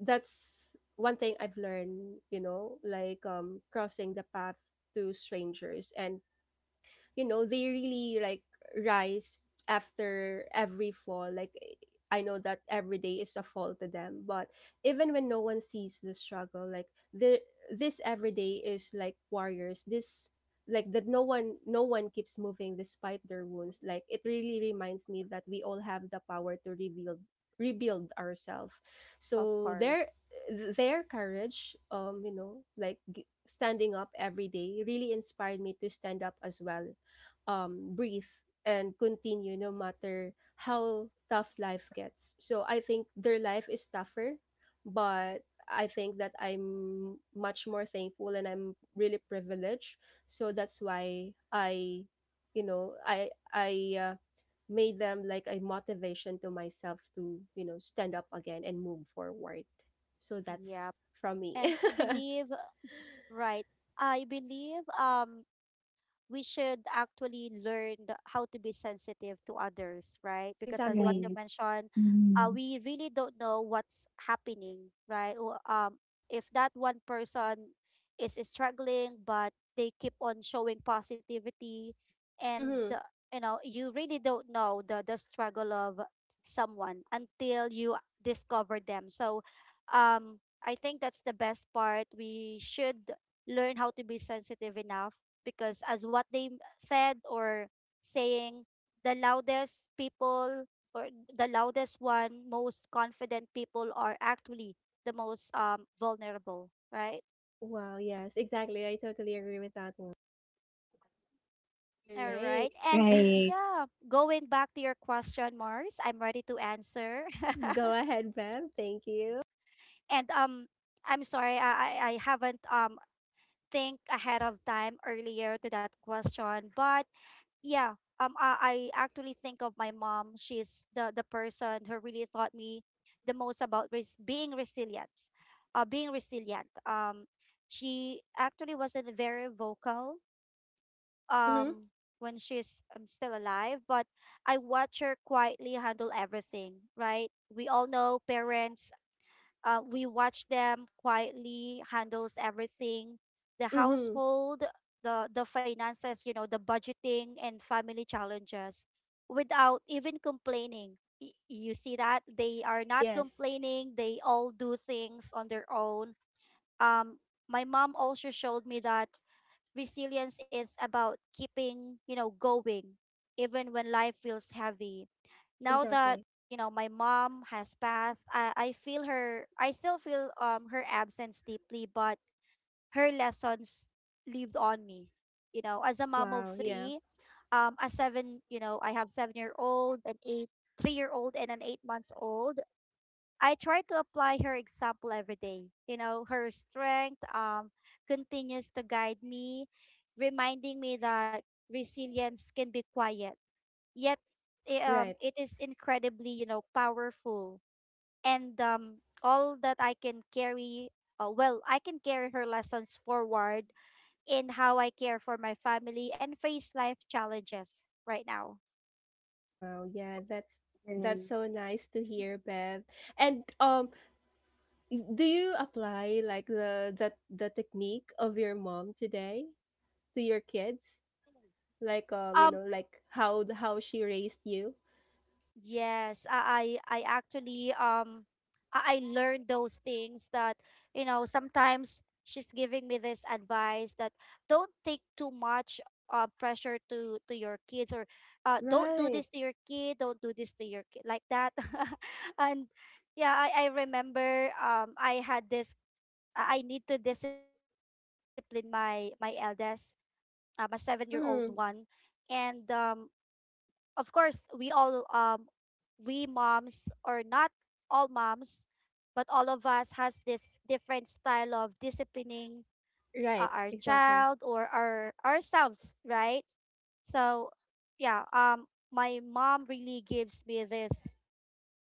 that's one thing I've learned, you know, like crossing the path to strangers, and you know they really like rise after every fall. Like I know that every day is a fall to them, but even when no one sees the struggle, like the this every day is like warriors, this like that no one, no one keeps moving despite their wounds. Like it really reminds me that we all have the power to rebuild, rebuild ourselves. of So their course. their courage, you know, like standing up every day really inspired me to stand up as well. Breathe and continue no matter how tough life gets. So I think their life is tougher, but I think that I'm much more thankful and I'm really privileged. So that's why I, you know, I made them like a motivation to myself to you know stand up again and move forward. So that's Yep. from me. And I believe, right, I believe, we should actually learn how to be sensitive to others, right? Because as what Exactly. you Right. mentioned, Mm-hmm. we really don't know what's happening, right? Or, if that one person is struggling, but they keep on showing positivity, and, Mm-hmm. You know, you really don't know the struggle of someone until you discover them. So, I think that's the best part. We should learn how to be sensitive enough, because as what they said, or saying, the loudest people, or the loudest one, most confident people are actually the most, vulnerable, right? Wow. Yes. Exactly. I totally agree with that one. All All right, right. and Right. yeah, going back to your question, Mars, I'm ready to answer. Go ahead, Bev. Thank you. And, I'm sorry, I haven't, think ahead of time earlier to that question, but yeah, I actually think of my mom. She's the person who really taught me the most about being resilient. uh being resilient um she actually wasn't very vocal, Mm-hmm. um when she's, still alive. But I watch her quietly handle everything, right? We all know parents, we watch them quietly handles everything, the Mm-hmm. household, the finances, you know, the budgeting and family challenges, without even complaining. You see that they are not Yes, complaining. They all do things on their own. Um, my mom also showed me that resilience is about keeping, you know, going even when life feels heavy. Now that, exactly. you know, my mom has passed, I feel her. I still feel, her absence deeply, but her lessons lived on me. You know, as a mom of Wow, yeah. three, a seven you know I have 7-year-old, an eight three year old, and an 8-month-old. I try to apply her example every day, you know, her strength, continues to guide me, reminding me that resilience can be quiet, yet, Right. it is incredibly, you know, powerful. And, all that I can carry well I can carry her lessons forward in how I care for my family and face life challenges right now. Wow, yeah, Right. that's so nice to hear, Bev. And do you apply like the technique of your mom today to your kids? Like you Um, know, like how she raised you? Yes, I actually, I learned those things, that, you know, sometimes she's giving me this advice that, don't take too much, pressure to your kids, or, don't do this Right. to your kid, don't do this to your kid, like that. And yeah, I remember, I had this I need to discipline my eldest, my 7-year-old one. Mm-hmm. And, of course, we all, we moms, or not all moms, but all of us has this different style of disciplining, Right, our exactly. child or our ourselves, right? So yeah, my mom really gives me this,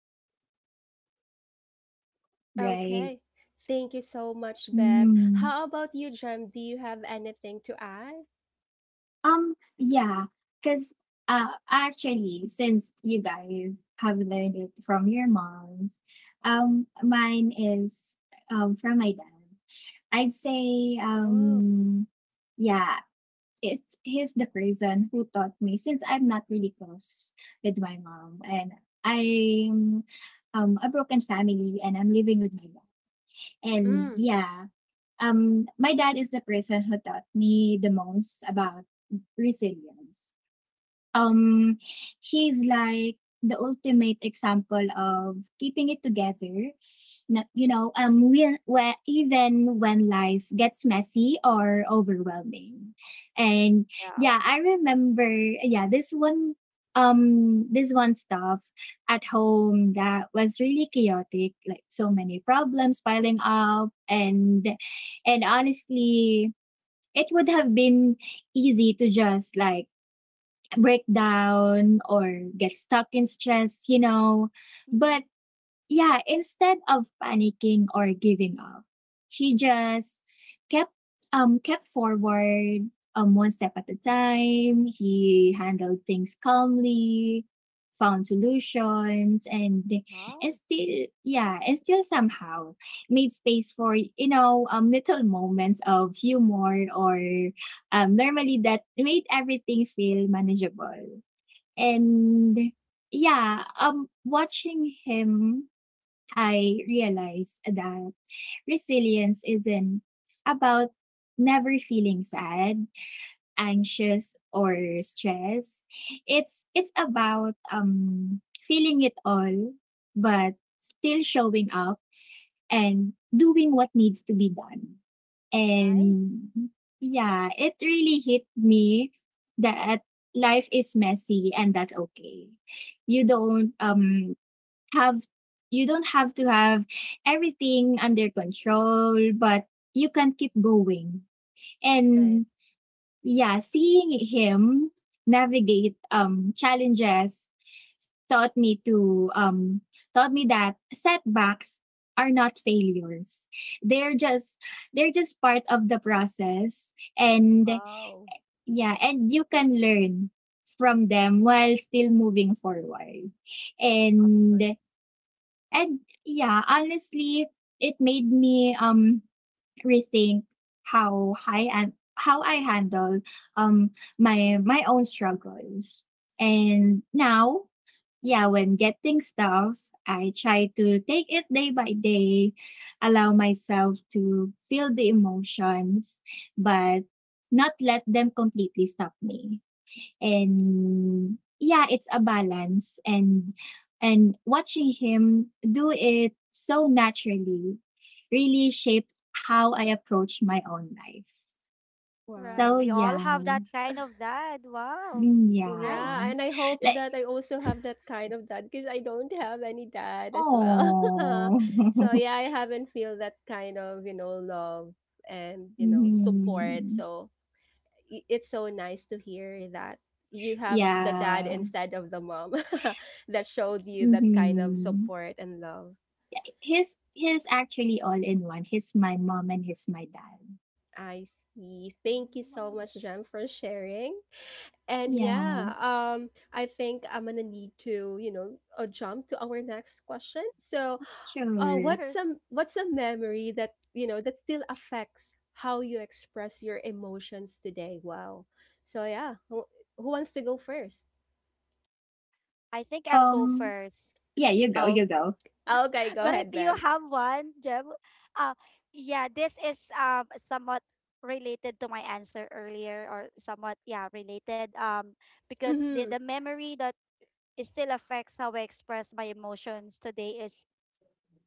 um has a big part of me being a mom. Right. Okay. Thank you so much, Bev. Mm-hmm. How about you, Jem? Do you have anything to add? Yeah. Cause actually since you guys have learned it from your moms, mine is from my dad. I'd say, Oh, yeah, it's he's the person who taught me, since I'm not really close with my mom, and I'm a broken family and I'm living with my dad. And mm, yeah, my dad is the person who taught me the most about resilience. Um, he's like the ultimate example of keeping it together. No, you know, even when life gets messy or overwhelming. And Yeah. yeah, I remember, yeah, this one stuff at home that was really chaotic, like so many problems piling up, and honestly, it would have been easy to just like break down or get stuck in stress, you know, Hmm. but yeah, instead of panicking or giving up, she just kept kept forward one step at a time. He handled things calmly, found solutions and and Wow. still yeah, and still somehow made space for, little moments of humor or normally that made everything feel manageable. And yeah, watching him I realized that resilience isn't about never feeling sad, anxious or stressed. It's about feeling it all but still showing up and doing what needs to be done. Nice. And yeah, it really hit me that life is messy and that's okay. You don't um have you don't have to have everything under control, but you can keep going. right. And yeah, seeing him navigate challenges taught me to um taught me that setbacks are not failures. They're just they're just part of the process and Wow. yeah, and you can learn from them while still moving forward. Of And course. and yeah, honestly, it made me rethink how I handle um my own struggles. And now, yeah, when getting stuff, I try to take it day by day, allow myself to feel the emotions, but not let them completely stop me, and yeah, it's a balance, and watching him do it so naturally really shaped how I approach my own life. Right, So Wow. we all have yeah. that kind of dad. Wow. Mm, Well, yeah. Nice. yeah, and I hope Like, that I also have that kind of dad because I don't have any dad as well. oh. So yeah, I haven't feel that kind of, you know, love and, you know, support. Mhm. So it's so nice to hear that you have the dad Yeah. instead of the mom that showed you that kind of Hmm. support and love. His actually all in one. He's my mom and he's my dad. I see. Thank you so Mm. much, Jem, for sharing. And Yeah, yeah, I think I'm gonna need to, you know, jump to our next question. So, sure. what's Sure. some what's a memory that you know that still affects how you express your emotions today? Wow. So yeah, who wants to go first? I think I'll go Um, first. yeah, you go, Oh, you go. okay, go But if ahead, you Bev. have one, Jem, uh, yeah, this is, somewhat related to my answer earlier, or somewhat, yeah, related. Because the Mm-hmm. the memory that is still affects how I express my emotions today is,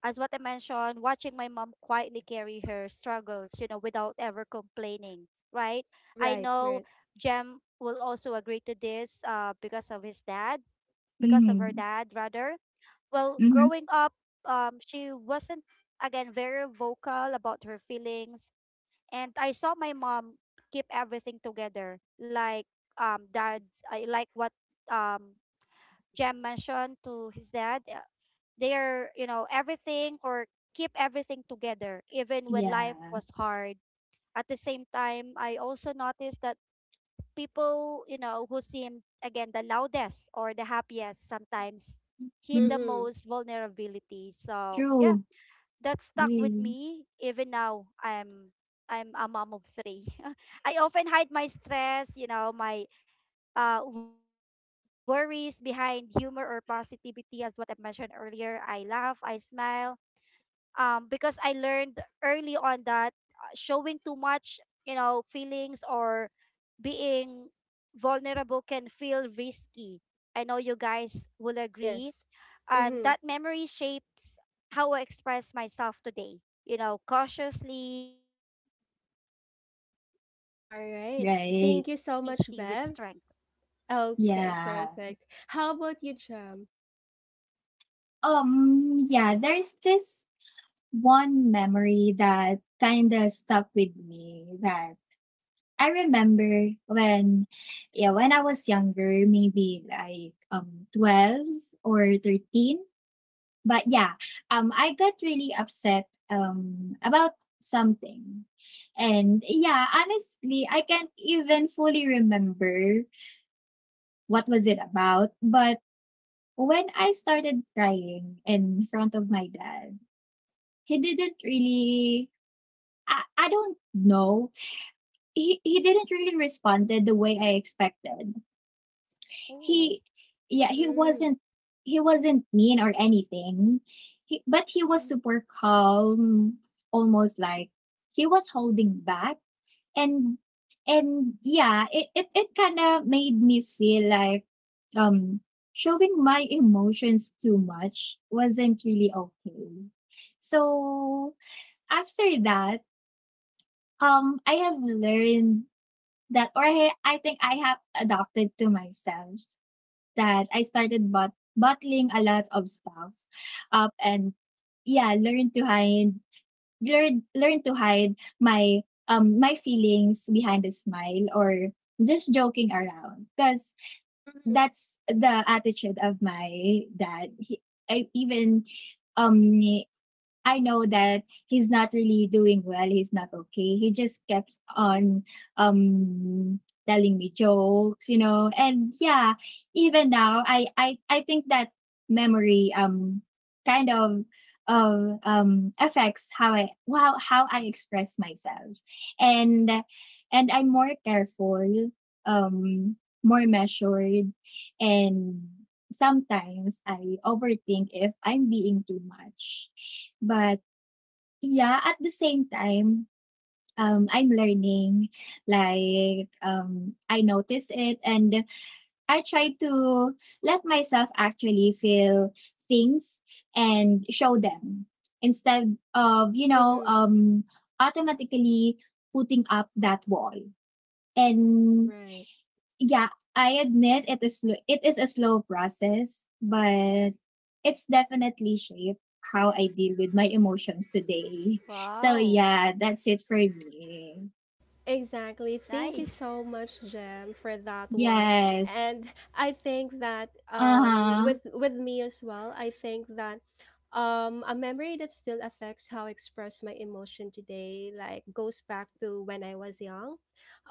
as what I mentioned, watching my mom quietly carry her struggles, you know, without ever complaining. Right? I Right, right. know Jem will also agree to this. Because of his dad, because of her Mhm. dad, rather. Well, Mhm. growing up, she wasn't, again, very vocal about her feelings, and I saw my mom keep everything together, like, dad's, I like what, um Jem mentioned to his dad. They are, you know, everything or keep everything together, even when life Yeah. was hard. At the same time, I also noticed that people, you know, who seemed, again, the loudest or the happiest sometimes hid Mm. the Mm-hmm. most vulnerability. So yeah, True. that stuck with Really. me even now. I'm a mom of three. I often hide my stress, you know, my, worries behind humor or positivity, as what I mentioned earlier. I laugh, I smile, because I learned early on that, showing too much, you know, feelings or being vulnerable can feel risky. I know you guys will agree. Yes. And Mm-hmm. that memory shapes how I express myself today, you know, cautiously, being careful, but also All trying to right. balance Right. Thank you so honesty much, with Bev. strength. Okay, Yeah. perfect. How about you, Jam? Yeah, there's this one memory that kinda stuck with me. That I remember when yeah, when I was younger, maybe like 12 or 13. But yeah, I got really upset about something. And yeah, honestly, I can't even fully remember what was it about, but when I started crying in front of my dad, he didn't really I don't know. He didn't really responded the way I expected. Oh. He yeah Mm, he wasn't mean or anything, but he was super calm, almost like he was holding back. And it kind of made me feel like um showing my emotions too much wasn't really okay. So after that, I have learned that, or I think I have adopted to myself that I started bottling a lot of stuff up, and yeah, learn learn to hide my my feelings behind a smile or just joking around, because mm, that's the attitude of my dad. I even um I know that he's not really doing well. He's not okay. He just kept on um telling me jokes, you know. And yeah, even now I think that memory kind of affects how I wow how I express myself. And and I'm more careful, um more measured, and sometimes I overthink if I'm being too much. But yeah, at the same time, I'm learning. Like, I notice it, and I try to let myself actually feel things and show them instead of, you know, mm-hmm, automatically putting up that wall. And right. yeah, I admit it is it is a slow process, but it's definitely shaped how I deal with my emotions today. So Wow. yeah, that's it for me. Exactly. Thank you Nice. so much, Jem, for that one. Yes. And I think that Uh-huh. with me as well, I think that a memory that still affects how I express my emotion today like goes back to when I was young.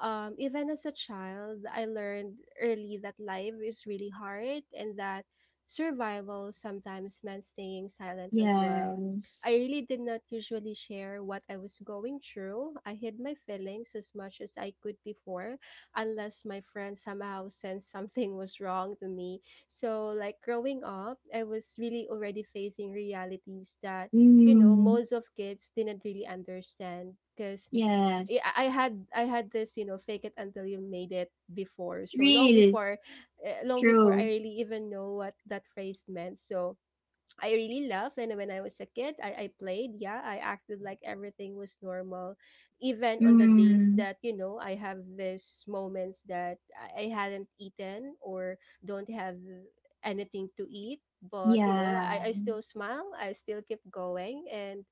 Even as a child, I learned early that life is really hard and that survival sometimes meant staying silent as well. I Yes. really did not usually share what I was going through. I hid my feelings as much as I could before, unless my friend somehow sensed something was wrong to me. So, like growing up, I was really already facing realities that, you know, Mm. most of kids didn't really understand because Yes. I had this you know fake it until you made it before, so long Real. before, long before I True. really even know what that phrase meant. So I really love, and when I was a kid, I played, yeah, I acted like everything was normal, even on the days Mm. that you know I have these moments that I hadn't eaten or don't have anything to eat. But you know, Yeah. I still smile, I still keep going, and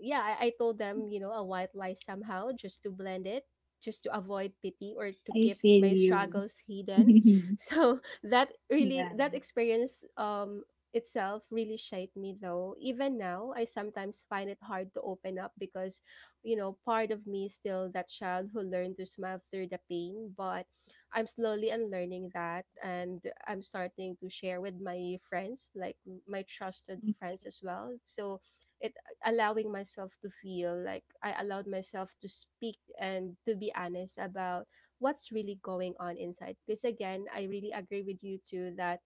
yeah, I told them you know a white lie somehow just to blend it, just to avoid pity or to I keep feel my you. struggles hidden. Yeah. So that really, that experience itself really shaped me, though. Even now I sometimes find it hard to open up, because you know part of me is still that child who learned to smile through the pain. But I'm slowly unlearning that, and I'm starting to share with my friends, like my trusted friends as well. So it allowing myself to feel, like I allowed myself to speak and to be honest about what's really going on inside, because again I really agree with you too that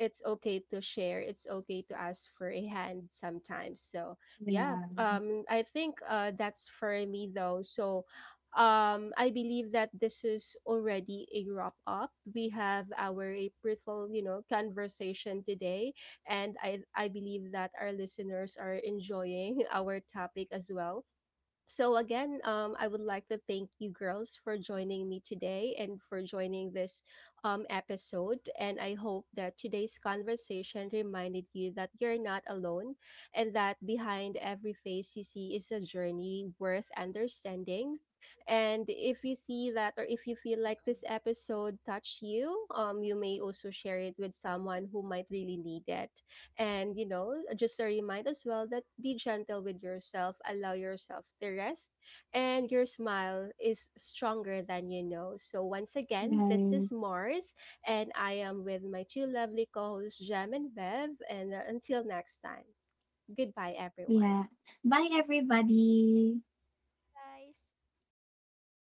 it's okay to share, it's okay to ask for a hand sometimes. So yeah, Yeah. I think that's for me, though. So I believe that this is already a wrap up. We have our April you know conversation today, and I believe that our listeners are enjoying our topic as well. So again, I would like to thank you girls for joining me today and for joining this episode. And I hope that today's conversation reminded you that you're not alone, and that behind every face you see is a journey worth understanding. And if you see that, or if you feel like this episode touched you, you may also share it with someone who might really need it. And you know, just a reminder as well that be gentle with yourself, allow yourself to rest, and your smile is stronger than you know. So once again, this Right. is Mars, and I am with my two lovely co-hosts Jam and Bev. And until next time, goodbye, everyone. Yeah. Bye everybody. Nice.